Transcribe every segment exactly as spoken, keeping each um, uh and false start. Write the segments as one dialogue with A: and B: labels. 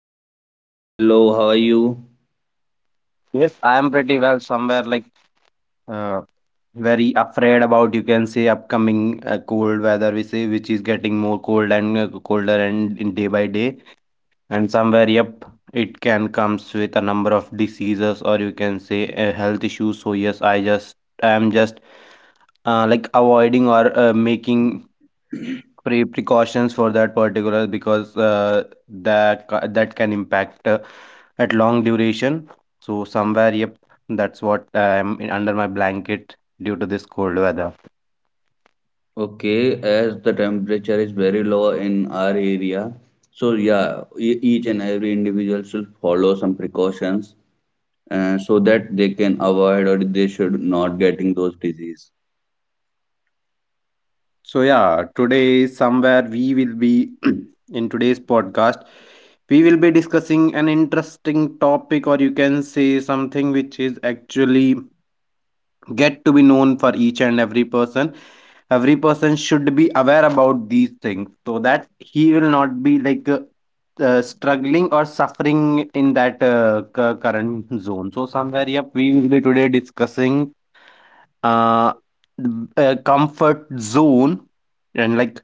A: good, Pankaj. Hello, how are you?
B: Yes, I am pretty well somewhere like Uh, very afraid about, you can say, upcoming uh, cold weather, we say, which is getting more cold and uh, colder and in day by day, and somewhere, yep, it can comes with a number of diseases or you can say uh, health issues. So yes, I just I am just uh, like avoiding or uh, making pre precautions for that particular, because uh, that ca- that can impact uh, at long duration. So somewhere, yep, that's what i'm in- under my blanket due to this cold weather.
A: Okay, as the temperature is very low in our area, so yeah, e- each and every individual should follow some precautions uh, so that they can avoid or they should not getting those disease.
B: So yeah, today somewhere we will be, in today's podcast, we will be discussing an interesting topic, or you can say something which is actually get to be known for each and every person. Every person should be aware about these things so that he will not be like uh, uh, struggling or suffering in that uh, cu- current zone. So somewhere, yep, we will be today discussing uh, a comfort zone, and like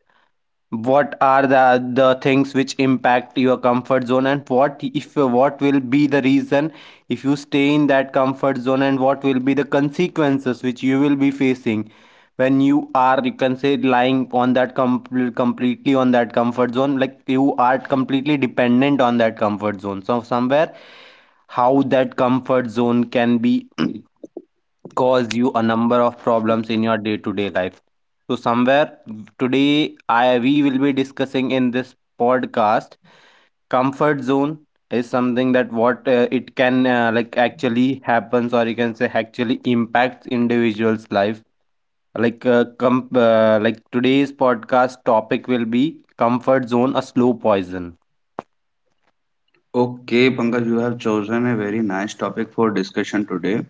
B: what are the the things which impact your comfort zone, and what if, what will be the reason if you stay in that comfort zone, and what will be the consequences which you will be facing when you are, you can say, lying on that com- completely on that comfort zone, like you are completely dependent on that comfort zone. So somewhere, how that comfort zone can be cause you a number of problems in your day-to-day life. So somewhere, today I we will be discussing in this podcast, comfort zone is something that what uh, it can uh, like actually happens, or you can say actually impacts individuals life. Like uh, com- uh, like today's podcast topic will be comfort zone, a slow poison.
A: Okay, Pankaj, you have chosen a very nice topic for discussion today.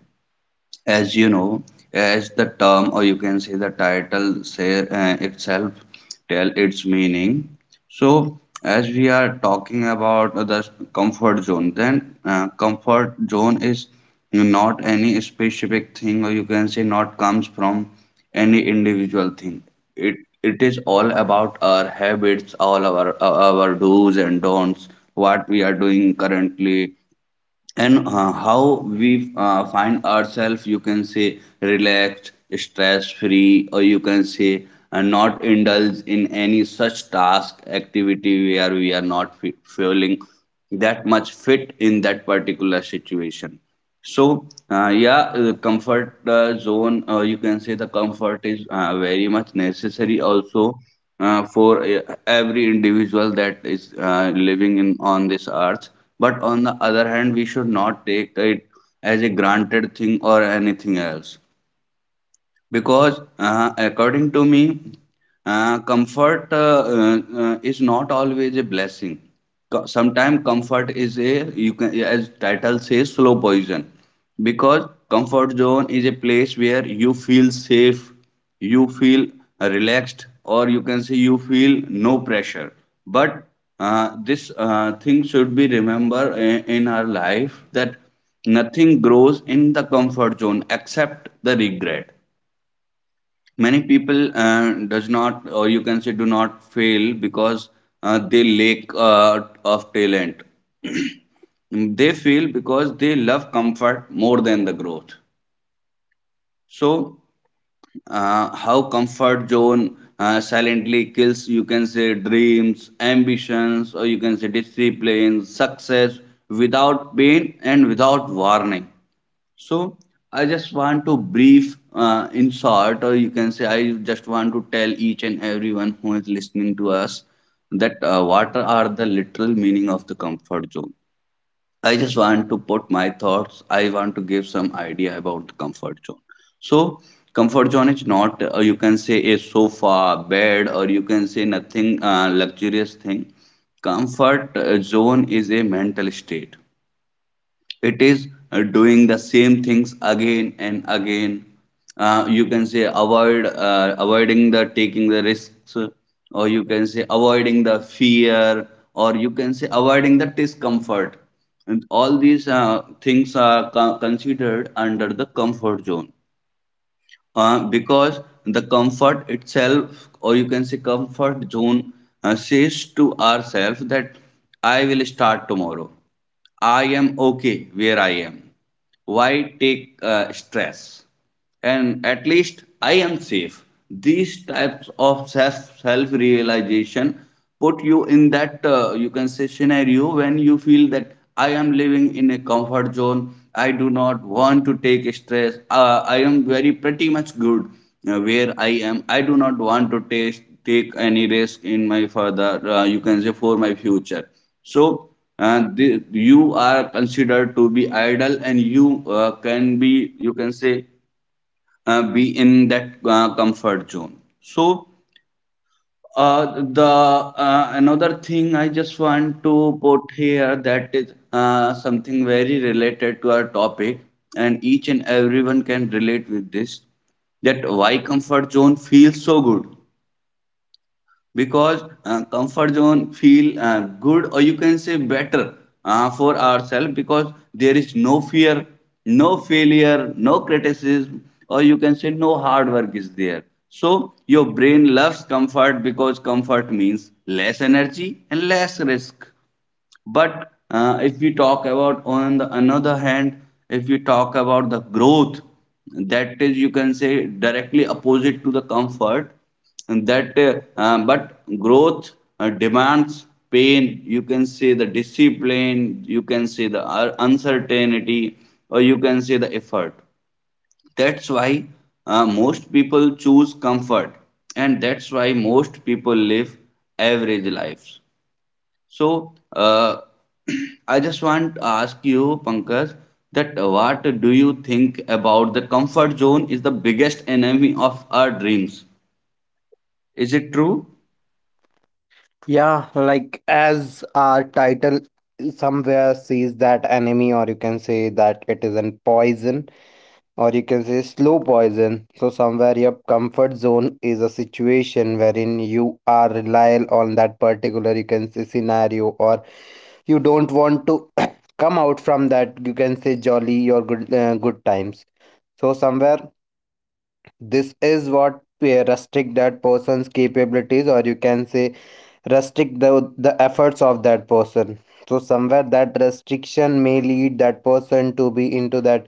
A: As you know, as the term, or you can say the title, say uh, itself tell its meaning. So, as we are talking about the comfort zone, then uh, comfort zone is not any specific thing, or you can say not comes from any individual thing. It it is all about our habits, all our our do's and don'ts, what we are doing currently, and uh, how we uh, find ourselves, you can say, relaxed, stress free, or you can say uh, not indulge in any such task activity where we are not fe- feeling that much fit in that particular situation. So, uh, yeah, uh, the comfort uh, zone, uh, you can say the comfort is uh, very much necessary also uh, for uh, every individual that is uh, living in on this earth. But on the other hand, we should not take it as a granted thing or anything else because uh, according to me, uh, comfort uh, uh, uh, is not always a blessing. Sometimes comfort is a, you can as title says, slow poison, because comfort zone is a place where you feel safe, you feel relaxed, or you can say you feel no pressure. But uh, this uh, thing should be remembered in, in our life, that nothing grows in the comfort zone except the regret. Many people uh, does not, or you can say do not, fail because uh, they lack uh, of talent. They fail because they love comfort more than the growth. So, uh, how comfort zone uh, silently kills, you can say, dreams, ambitions, or you can say discipline, success, without pain and without warning. So, I just want to brief uh, in short, or you can say I just want to tell each and everyone who is listening to us that uh, what are the literal meaning of the comfort zone. I just want to put my thoughts. I want to give some idea about the comfort zone. So, comfort zone is not uh, you can say a sofa, bed, or you can say nothing uh, luxurious thing. Comfort uh, zone is a mental state. It is uh, doing the same things again and again, uh, you can say avoid uh, avoiding the taking the risks, or you can say avoiding the fear, or you can say avoiding the discomfort, and all these uh, things are co- considered under the comfort zone, uh, because the comfort itself, or you can say comfort zone, uh, says to ourselves that I will start tomorrow. I am okay where I am. Why take uh, stress? And at least I am safe. These types of self self realization put you in that uh, you can say scenario when you feel that I am living in a comfort zone. I do not want to take stress. Uh, I am very pretty much good uh, where I am. I do not want to taste, take any risk in my further, uh, you can say for my future. So, uh, the, you are considered to be idle and you uh, can be, you can say, uh, be in that uh, comfort zone. So, uh, the uh, another thing I just want to put here, that is uh, something very related to our topic, and each and everyone can relate with this, that why comfort zone feels so good. Because uh, comfort zone feel uh, good, or you can say better, uh, for ourselves, because there is no fear, no failure, no criticism, or you can say no hard work is there. So your brain loves comfort because comfort means less energy and less risk. But uh, if we talk about on the another hand, if we talk about the growth, that is, you can say, directly opposite to the comfort. And that uh, uh, but growth uh, demands pain. You can say the discipline. You can say the uh, uncertainty, or you can say the effort. That's why uh, most people choose comfort, and that's why most people live average lives. So, uh, I just want to ask you, Pankaj, that what do you think about the comfort zone is the biggest enemy of our dreams? Is it true?
B: Yeah, like as our title somewhere says, that enemy, or you can say that it is an poison, or you can say slow poison. So somewhere your comfort zone is a situation wherein you are reliant on that particular, you can say, scenario, or you don't want to come out from that, you can say, jolly or good uh, good times. So somewhere this is what uh, restrict that person's capabilities, or you can say restrict the the efforts of that person. So somewhere that restriction may lead that person to be into that,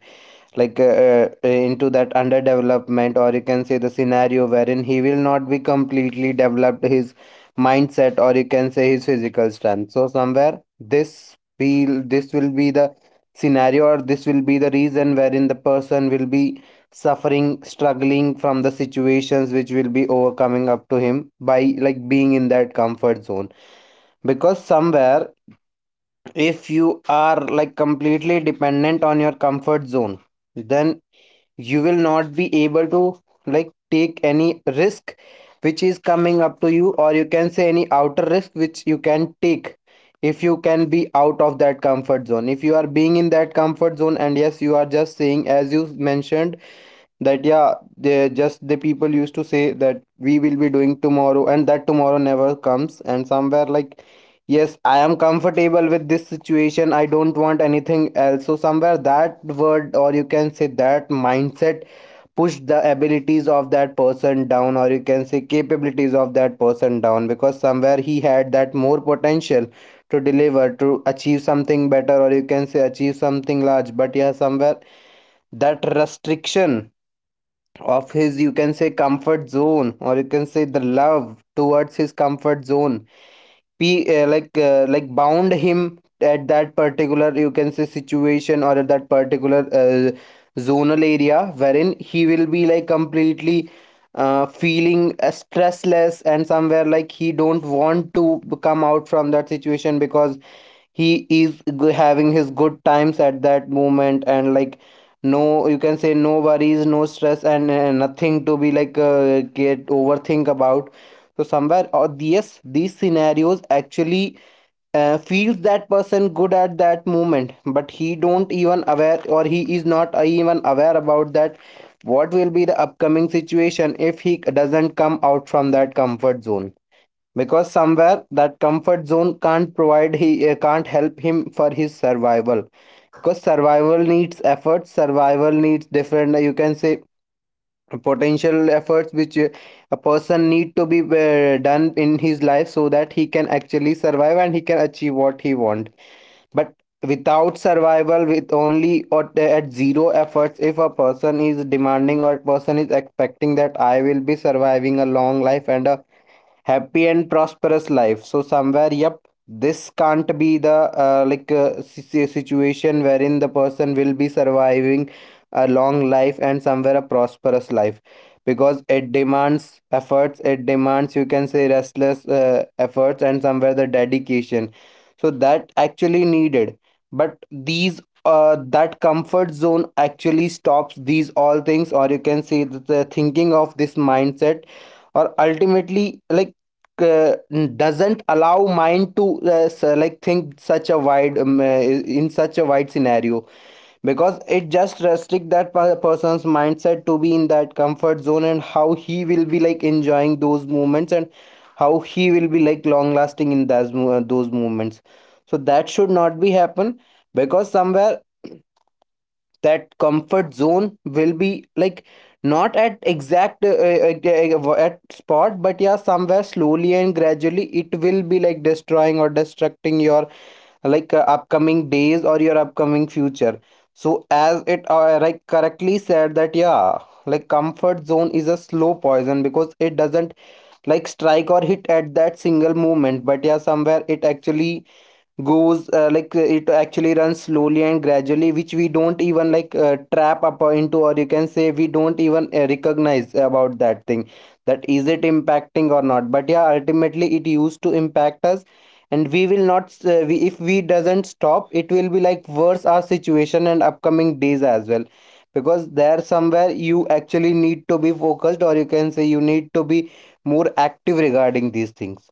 B: like uh, uh, into that underdevelopment, or you can say the scenario wherein he will not be completely developed his mindset, or you can say his physical strength. So somewhere this be this will be the scenario, or this will be the reason wherein the person will be suffering, struggling from the situations which will be overcoming up to him by like being in that comfort zone. Because somewhere, if you are like completely dependent on your comfort zone, then you will not be able to like take any risk which is coming up to you, or you can say any outer risk which you can take if you can be out of that comfort zone. If you are being in that comfort zone, and yes, you are just saying, as you mentioned, that yeah, they just, the people used to say that we will be doing tomorrow, and that tomorrow never comes. And somewhere like, yes, I am comfortable with this situation, I don't want anything else. So somewhere that word, or you can say that mindset, pushed the abilities of that person down, or you can say capabilities of that person down, because somewhere he had that more potential to deliver, to achieve something better, or you can say achieve something large. But yeah, somewhere that restriction of his, you can say, comfort zone, or you can say the love towards his comfort zone, be uh, like uh, like bound him at that particular, you can say, situation, or at that particular uh, zonal area wherein he will be like completely uh, feeling uh, stressless. And somewhere like he don't want to come out from that situation, because he is g- having his good times at that moment, and like no, you can say, no worries, no stress, and uh, nothing to be like uh, get overthink about. So somewhere, or the- yes, these scenarios actually uh, feels that person good at that moment, but he don't even aware, or he is not even aware about that, what will be the upcoming situation if he doesn't come out from that comfort zone. Because somewhere that comfort zone can't provide he uh, can't help him for his survival, because survival needs effort, survival needs different, uh, you can say, potential efforts which uh, a person need to be uh, done in his life, so that he can actually survive and he can achieve what he want. But without survival, with only or at zero efforts, if a person is demanding, or person is expecting that I will be surviving a long life and a happy and prosperous life, so somewhere, yep, this can't be the uh, like uh, si- si- situation wherein the person will be surviving a long life and somewhere a prosperous life, because it demands efforts, it demands, you can say, restless uh, efforts, and somewhere the dedication. So that actually needed. But these uh, that comfort zone actually stops these all things, or you can say that the thinking of this mindset, or ultimately like uh, doesn't allow mind to uh, s- like think such a wide um, uh, in such a wide scenario, because it just restrict that person's mindset to be in that comfort zone, and how he will be like enjoying those moments, and how he will be like long lasting in those uh, those moments. So that should not be happen, because somewhere that comfort zone will be like not at exact uh, uh, uh, at spot, but yeah, somewhere slowly and gradually it will be like destroying or destructing your like uh, upcoming days or your upcoming future. So as it uh, like correctly said that yeah, like comfort zone is a slow poison, because it doesn't like strike or hit at that single moment, but yeah, somewhere it actually goes uh, like uh, it actually runs slowly and gradually, which we don't even like uh, trap up uh, into, or you can say we don't even uh, recognize about that thing, that is it impacting or not. But yeah, ultimately it used to impact us, and we will not uh, we, if we doesn't stop, it will be like worse our situation and upcoming days as well, because there somewhere you actually need to be focused, or you can say you need to be more active regarding these things.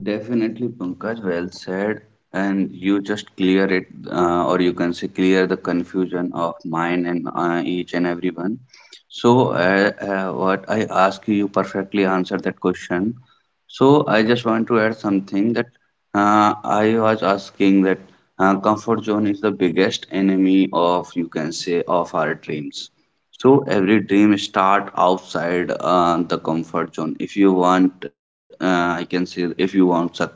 A: Definitely, Pankaj, well said. And you just clear it, uh, or you can say clear the confusion of mine and uh, each and everyone. So, uh, uh, what I ask you, you perfectly answered that question. So, I just want to add something, that uh, I was asking that uh, comfort zone is the biggest enemy of, you can say, of our dreams. So every dream start outside uh, the comfort zone. If you want, uh, I can say, if you want success,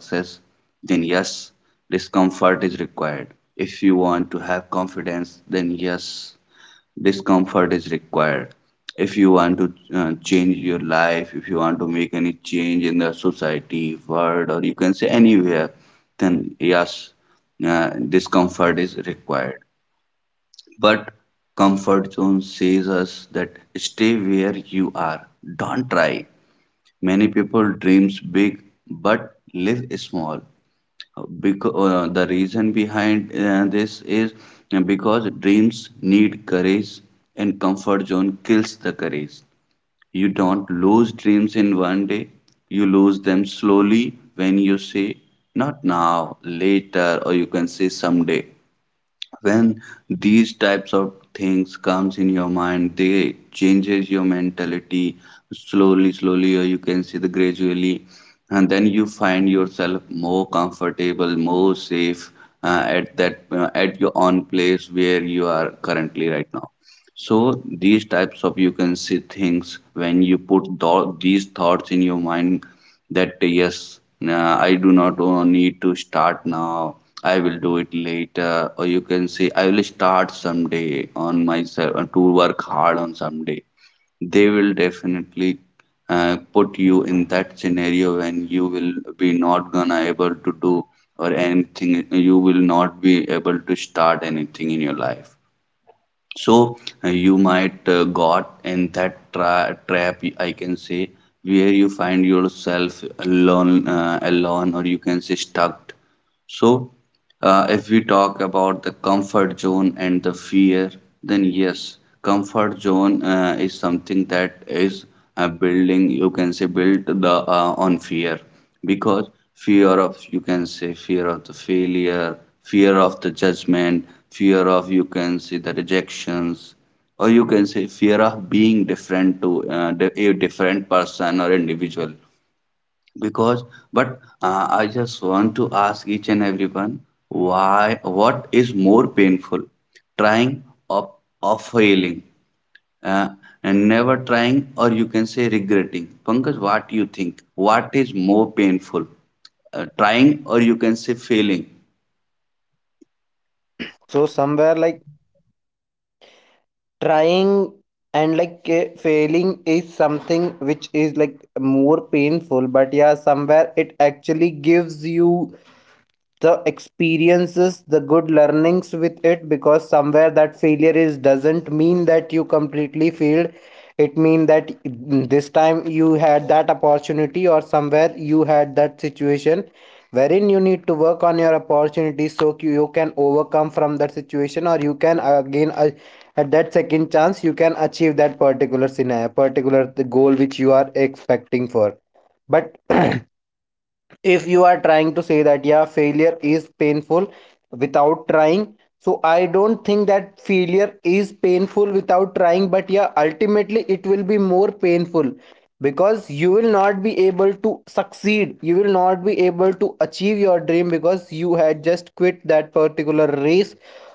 A: then yes, discomfort is required. If you want to have confidence, then yes, discomfort is required. If you want to uh, change your life, if you want to make any change in the society, world, or you can say anywhere, then yes, uh, discomfort is required. But comfort zone says us that stay where you are. Don't try. Many people dreams big but live small. Because uh, the reason behind uh, this is because dreams need courage, and comfort zone kills the courage. You don't lose dreams in one day. You lose them slowly when you say not now, later, or you can say someday. When these types of things comes in your mind, they changes your mentality slowly slowly, or you can see the gradually, and then you find yourself more comfortable, more safe, uh, at that uh, at your own place where you are currently right now. So these types of, you can see, things when you put tho- these thoughts in your mind, that yes, uh, I do not uh, need to start now. I will do it later, or you can say I will start someday on myself uh, to work hard on someday. They will definitely uh, put you in that scenario when you will be not gonna able to do or anything. You will not be able to start anything in your life. So, uh, you might uh, got in that tra- trap, I can say, where you find yourself alone, uh, alone or you can say stuck. So, uh, if we talk about the comfort zone and the fear, then yes, comfort zone uh, is something that is uh, building, you can say, built the uh, on fear, because fear of, you can say, fear of the failure, fear of the judgment, fear of, you can say, the rejections, or you can say fear of being different to uh, the- a different person or individual. Because, but uh, I just want to ask each and everyone, why, what is more painful, trying or, or failing, uh, and never trying, or you can say regretting. Pankaj, what do you think, what is more painful, uh, trying or you can say failing?
B: So somewhere like trying and like uh, failing is something which is like more painful, but yeah, somewhere it actually gives you the experiences, the good learnings with it, because somewhere that failure is doesn't mean that you completely failed. It mean that this time you had that opportunity, or somewhere you had that situation wherein you need to work on your opportunities, so you you can overcome from that situation, or you can again uh, at that second chance you can achieve that particular scenario, particular the goal which you are expecting for. But if you are trying to say that yeah, failure is painful without trying, so I don't think that failure is painful without trying, but yeah, ultimately it will be more painful, because you will not be able to succeed, you will not be able to achieve your dream, because you had just quit that particular race,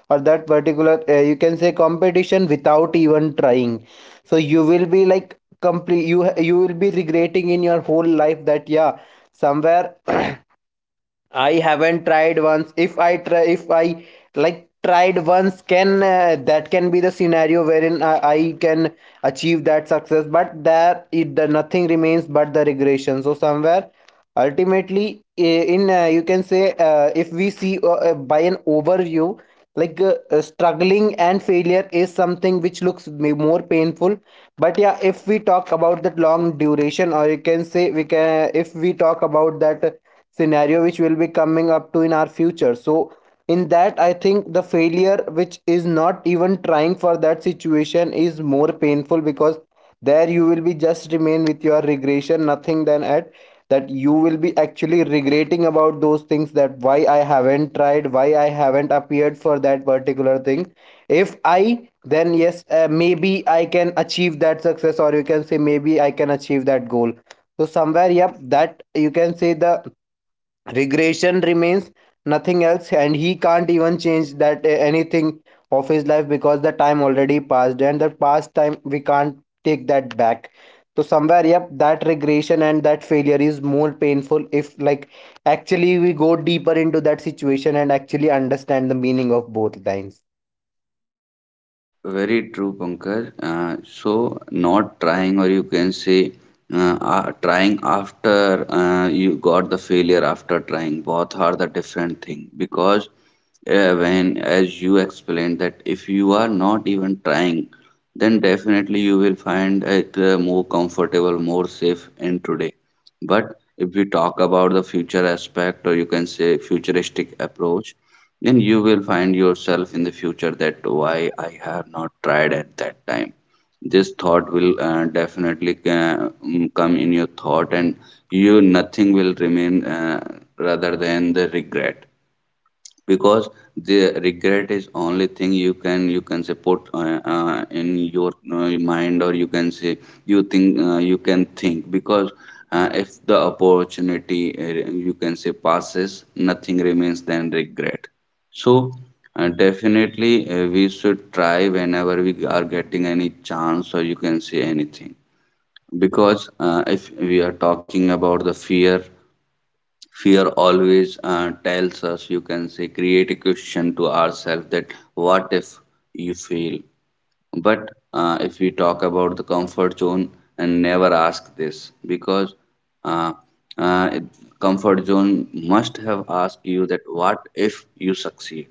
B: or that particular uh, you can say competition, without even trying. So you will be like complete you you will be regretting in your whole life that yeah, somewhere I haven't tried once. If I try, if I like tried once, can uh, that can be the scenario wherein I, I can achieve that success. But there, it the nothing remains but the regression. So somewhere, ultimately, in uh, you can say, uh, if we see uh, uh, by an overview, like uh, uh, struggling and failure is something which looks more painful. But yeah, if we talk about that long duration, or you can say we can, if we talk about that scenario which will be coming up to in our future. So in that, I think the failure which is not even trying for that situation is more painful, because there you will be just remain with your regression, nothing than at that. You will be actually regretting about those things, that why I haven't tried, why I haven't appeared for that particular thing. If I then yes, uh, maybe I can achieve that success, or you can say maybe I can achieve that goal. So somewhere, yep, that you can say, the regression remains, nothing else, and he can't even change that uh, anything of his life, because the time already passed and the past time we can't take that back. So somewhere, yep, that regression and that failure is more painful, if like actually we go deeper into that situation and actually understand the meaning of both lines.
A: Very true, Pankaj. Uh, so, not trying, or you can say, uh, uh, trying after uh, you got the failure after trying, both are the different thing. Because uh, when, as you explained, that if you are not even trying, then definitely you will find it uh, more comfortable, more safe in today. But if we talk about the future aspect, or you can say futuristic approach, then you will find yourself in the future that why I have not tried at that time. This thought will uh, definitely uh, mm, come in your thought, and you, nothing will remain uh, rather than the regret, because the regret is only thing you can you can say put uh, uh, in your uh, mind, or you can say you think, uh, you can think, because uh, if the opportunity uh, you can say passes, nothing remains than regret. So, uh, definitely uh, we should try whenever we are getting any chance, or you can say anything, because uh, if we are talking about the fear, fear always uh, tells us, you can say, create a question to ourselves, that what if you fail? But uh, if we talk about the comfort zone and never ask this, because uh, uh, it- comfort zone must have asked you that what if you succeed?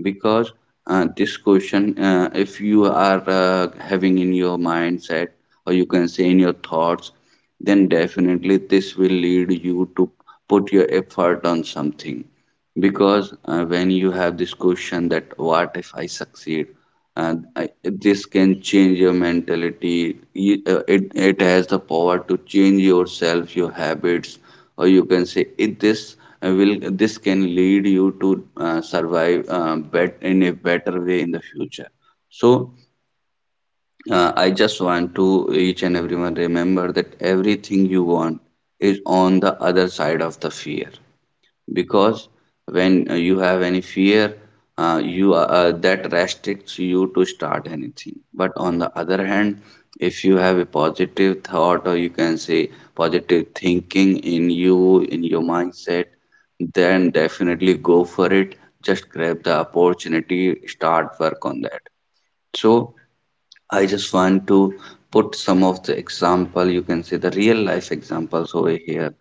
A: Because uh, this question, uh, if you are uh, having in your mindset, or you can say in your thoughts, then definitely this will lead you to put your effort on something. Because uh, when you have this question that what if I succeed? And I, this can change your mentality. You- uh, it, it has the power to change yourself, your habits, or you can say it, this uh, will this can lead you to uh, survive uh, bet, in a better way in the future. So uh, I just want to each and everyone remember that everything you want is on the other side of the fear. Because when uh, you have any fear, uh, you uh, uh, that restricts you to start anything. But on the other hand, if you have a positive thought, or you can say positive thinking in you, in your mindset, then definitely go for it. Just grab the opportunity, start work on that. So I just want to put some of the example, you can say the real life examples over here.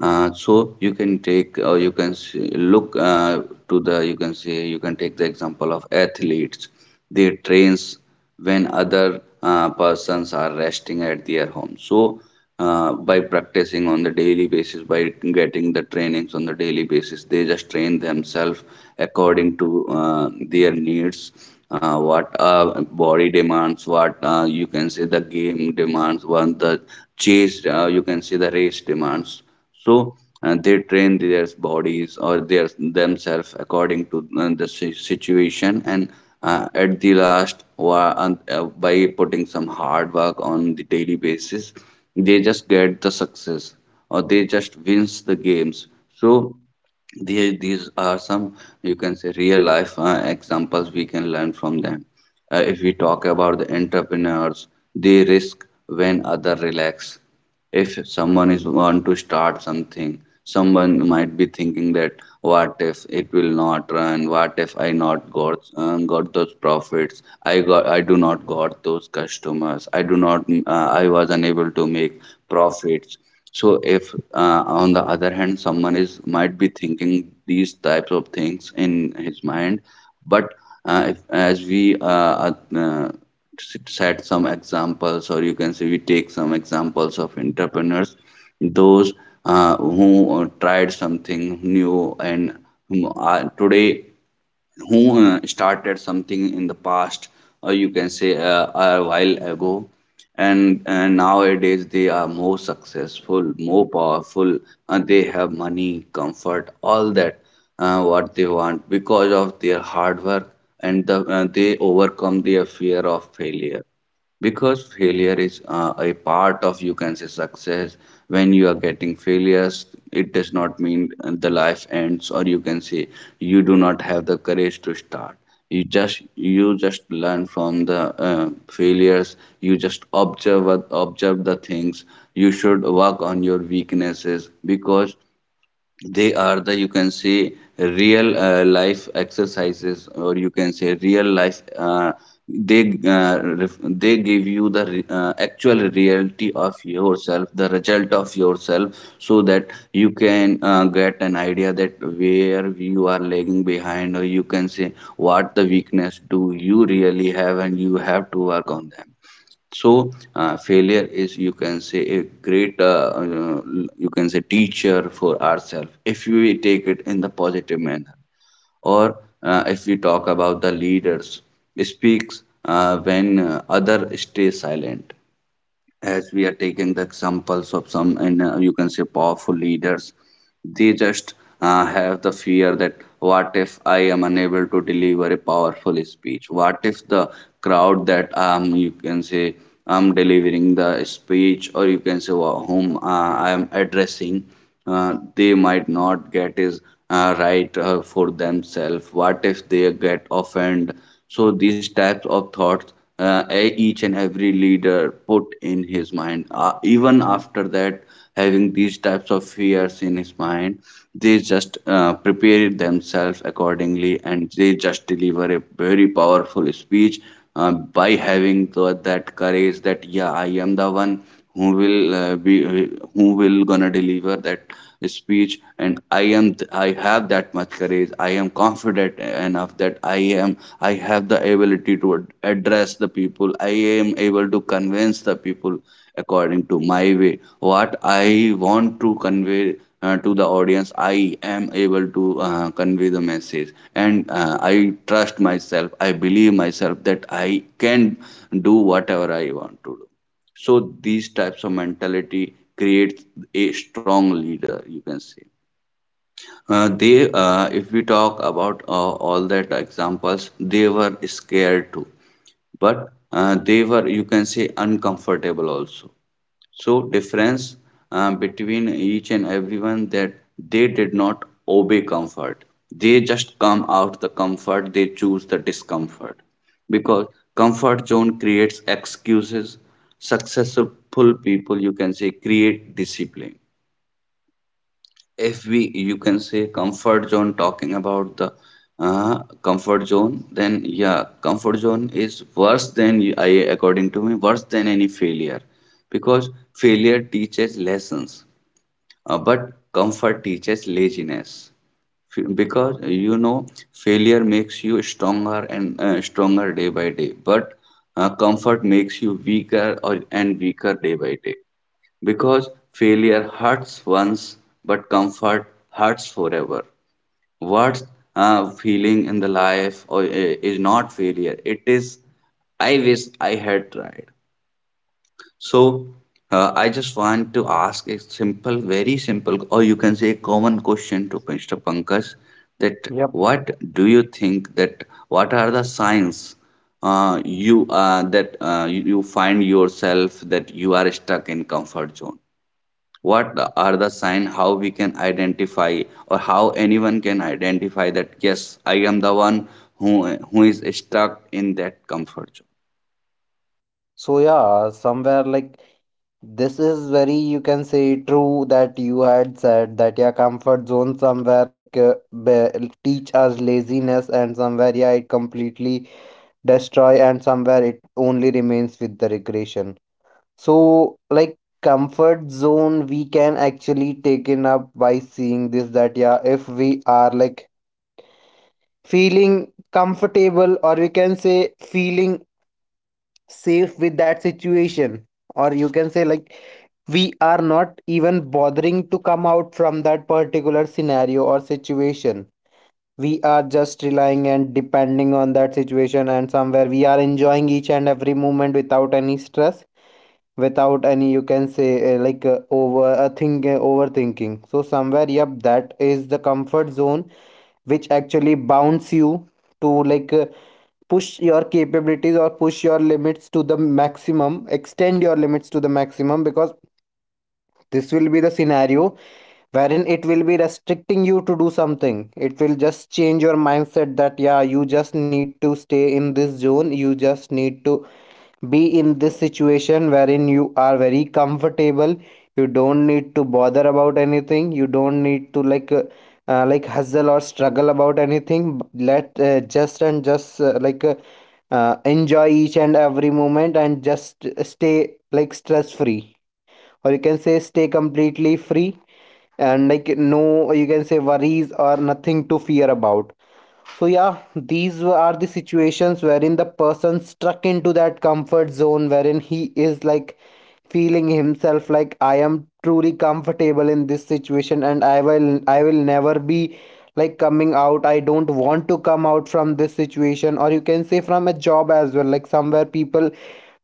A: Uh, so you can take or you can s- look uh, to the, you can say, you can take the example of athletes. They trains when other uh, persons are resting at their home. So uh, by practicing on the daily basis, by getting the trainings on the daily basis, they just train themselves according to uh, their needs, uh, what uh, body demands, what, uh, you can say, the game demands, what the chase, uh, you can say, the race demands. So uh, they train their bodies or their themselves according to uh, the si- situation, and uh, at the last, wa- and, uh, by putting some hard work on the daily basis, they just get the success, or they just wins the games. So the- these are some, you can say, real life uh, examples we can learn from them. Uh, if we talk about the entrepreneurs, they risk when other relax. If someone is want to start something, someone might be thinking that what if it will not run, what if I not got um, got those profits, I got, I do not got those customers, I do not uh, I was unable to make profits. So if, uh, on the other hand, someone is might be thinking these types of things in his mind. But uh, if, as we uh, uh, set some examples, or you can say we take some examples of entrepreneurs, those uh, who uh, tried something new and who today, who uh, started something in the past, or you can say uh, a while ago, and, and nowadays they are more successful, more powerful, and they have money, comfort, all that, uh, what they want, because of their hard work. And the, uh, they overcome their fear of failure, because failure is, uh, a part of, you can say, success. When you are getting failures, it does not mean the life ends, or you can say you do not have the courage to start. You just, you just learn from the uh, failures. You just observe what- observe the things. You should work on your weaknesses, because they are the, you can say, real uh, life exercises, or you can say real life, uh, they uh, ref- they give you the re- uh, actual reality of yourself, the result of yourself, so that you can uh, get an idea that where you are lagging behind, or you can say what the weakness do you really have, and you have to work on them. So uh, failure is, you can say, a great uh, uh, you can say teacher for ourselves, if we take it in the positive manner. Or uh, if we talk about the leaders, speaks uh, when uh, other stay silent. As we are taking the examples of some and, uh, you can say, powerful leaders, they just uh, have the fear that what if I am unable to deliver a powerful speech, what if the crowd that um you can say I'm delivering the speech, or you can say wha- whom uh, I am addressing, uh, they might not get is uh, right uh, for themselves, what if they get offended. So these types of thoughts, uh, e- each and every leader put in his mind, uh, even after that, having these types of fears in his mind, they just uh, prepare themselves accordingly, and they just deliver a very powerful speech, uh, by having the, that courage that yeah, I am the one who will uh, be uh, who will gonna deliver that speech. And i am I have that much courage, I am confident enough that i am I have the ability to ad- address the people, I am able to convince the people according to my way, what I want to convey uh, to the audience. I am able to uh, convey the message, and uh, I trust myself, I believe myself, that I can do whatever I want to do. So these types of mentality creates a strong leader, you can say. Uh, they, uh, if we talk about uh, all that examples, they were scared too, but uh, they were, you can say, uncomfortable also. So difference uh, between each and everyone that they did not obey comfort, they just come out the comfort, they choose the discomfort, because comfort zone creates excuses. Successful people, you can say, create discipline. If we, you can say, comfort zone talking about the uh, comfort zone, then yeah, comfort zone is worse than you- I, according to me, worse than any failure, because failure teaches lessons, uh, but comfort teaches laziness. F- because you know, failure makes you stronger and uh, stronger day by day, but uh, comfort makes you weaker or and weaker day by day, because failure hurts once, but comfort hurts forever. What's uh, feeling in the life, or uh, is not failure. It is, I wish I had tried. So uh, I just want to ask a simple, very simple, or you can say a common question to mister Pankaj, that
B: Yep.
A: what do you think that what are the signs uh, you uh, that uh, you you find yourself that you are stuck in comfort zone? What are the sign, how we can identify, or how anyone can identify that yes, I am the one who who is stuck in that comfort zone.
B: So yeah, somewhere like, this is very, you can say, true, that you had said that your comfort zone somewhere like uh, be- teach us laziness, and somewhere, yeah, it completely destroy, and somewhere it only remains with the regression. So, like comfort zone, we can actually taken up by seeing this, that yeah, if we are like feeling comfortable, or we can say feeling safe with that situation, or you can say, like, we are not even bothering to come out from that particular scenario or situation. We are just relying and depending on that situation, and somewhere we are enjoying each and every moment without any stress, without any, you can say, uh, like uh, over a thing uh, overthinking. So somewhere, yep, that is the comfort zone which actually bounds you to like uh, push your capabilities, or push your limits to the maximum, extend your limits to the maximum, because this will be the scenario wherein it will be restricting you to do something. It will just change your mindset that yeah, you just need to stay in this zone, you just need to be in this situation wherein you are very comfortable. You don't need to bother about anything, you don't need to like uh, uh, like hustle or struggle about anything. Let uh, just and just uh, like uh, uh, enjoy each and every moment and just stay like stress free, or you can say stay completely free, and like no, you can say, worries, or nothing to fear about. So yeah, these are the situations wherein the person struck into that comfort zone, wherein he is like feeling himself like, I am truly comfortable in this situation, and i will i will never be like coming out. I don't want to come out from this situation, or you can say, from a job as well. Like somewhere people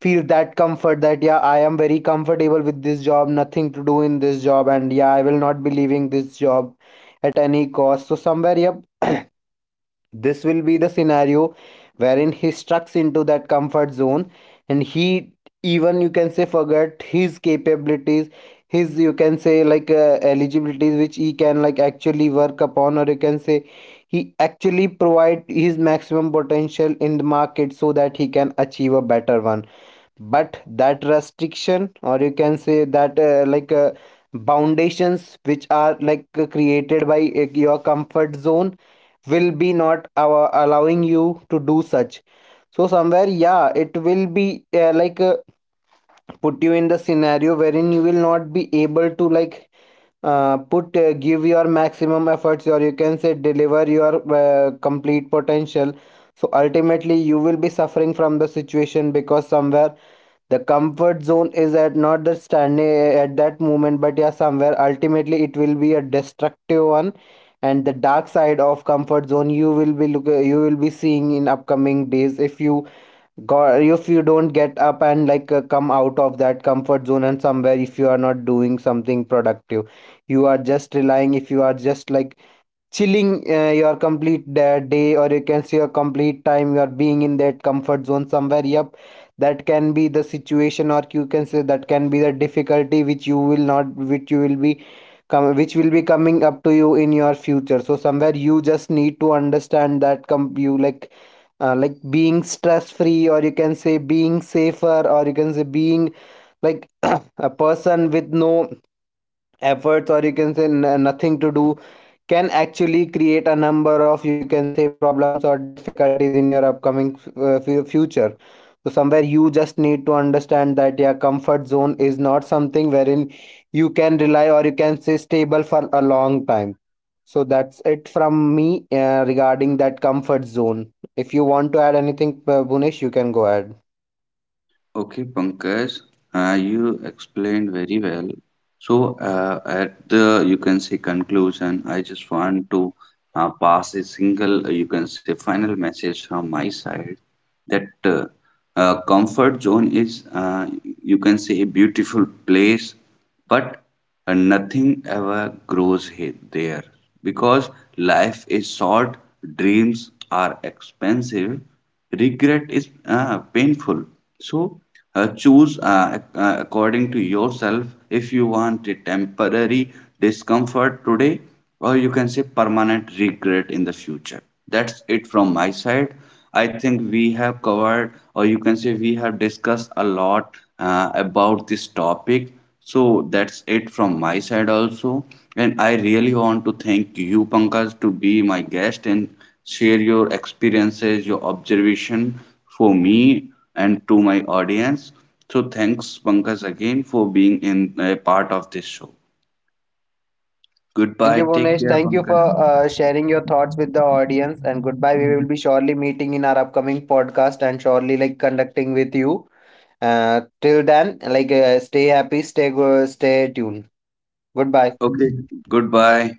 B: feel that comfort that yeah, I am very comfortable with this job, nothing to do in this job, and yeah, I will not be leaving this job at any cost. So somewhere, yep, this will be the scenario wherein he strucks into that comfort zone, and he even, you can say, forget his capabilities, his, you can say, like uh, eligibilities which he can like actually work upon, or you can say he actually provide his maximum potential in the market, so that he can achieve a better one. But that restriction, or you can say that uh, like uh, foundations which are like uh, created by uh, your comfort zone, will be not our allowing you to do such. So somewhere, yeah, it will be uh, like uh, put you in the scenario wherein you will not be able to like uh, put uh, give your maximum efforts, or you can say deliver your uh, complete potential. So ultimately you will be suffering from the situation, because somewhere the comfort zone is at not the standing uh, at that moment, but yeah, somewhere ultimately it will be a destructive one. And the dark side of comfort zone you will be look uh, you will be seeing in upcoming days, if you God, if you don't get up and like uh, come out of that comfort zone. And somewhere if you are not doing something productive, you are just relying, if you are just like chilling uh, your complete da- day, or you can say your complete time, you are being in that comfort zone. Somewhere, yep, that can be the situation, or you can say that can be the difficulty which you will not which you will be come which will be coming up to you in your future. So somewhere, you just need to understand that com- you like uh, like being stress free, or you can say being safer, or you can say being like a person with no efforts, or you can say n- nothing to do, can actually create a number of, you can say, problems or difficulties in your upcoming uh, fu- future. So somewhere you just need to understand that your comfort zone is not something wherein you can rely, or you can say stable for a long time. So that's it from me uh, regarding that comfort zone. If you want to add anything, uh, Bhunesh, you can go ahead.
A: Okay, Pankaj, uh, you explained very well. So, uh, at the, you can say, conclusion, I just want to uh, pass a single, uh, you can say, final message from my side, that uh, uh, comfort zone is, uh, you can say, a beautiful place, but uh, nothing ever grows he- there, because life is short, dreams are expensive, regret is uh, painful. So uh, choose, uh, uh, according to yourself, if you want a temporary discomfort today, or you can say permanent regret in the future. That's it from my side. I think we have covered, or you can say we have discussed a lot uh, about this topic. So that's it from my side also. And I really want to thank you, Pankaj, to be my guest in, share your experiences, your observation for me and to my audience. So thanks, Pankaj, again for being in a part of this show.
B: Thank
A: Goodbye.
B: you,
A: Take
B: Bhunesh.
A: care,
B: Thank you
A: Pankaj.
B: for uh, sharing your thoughts with the audience. And goodbye. We will be surely meeting in our upcoming podcast and surely like conducting with you. Uh, till then, like uh, stay happy, stay go, stay tuned. Goodbye.
A: Okay. Goodbye.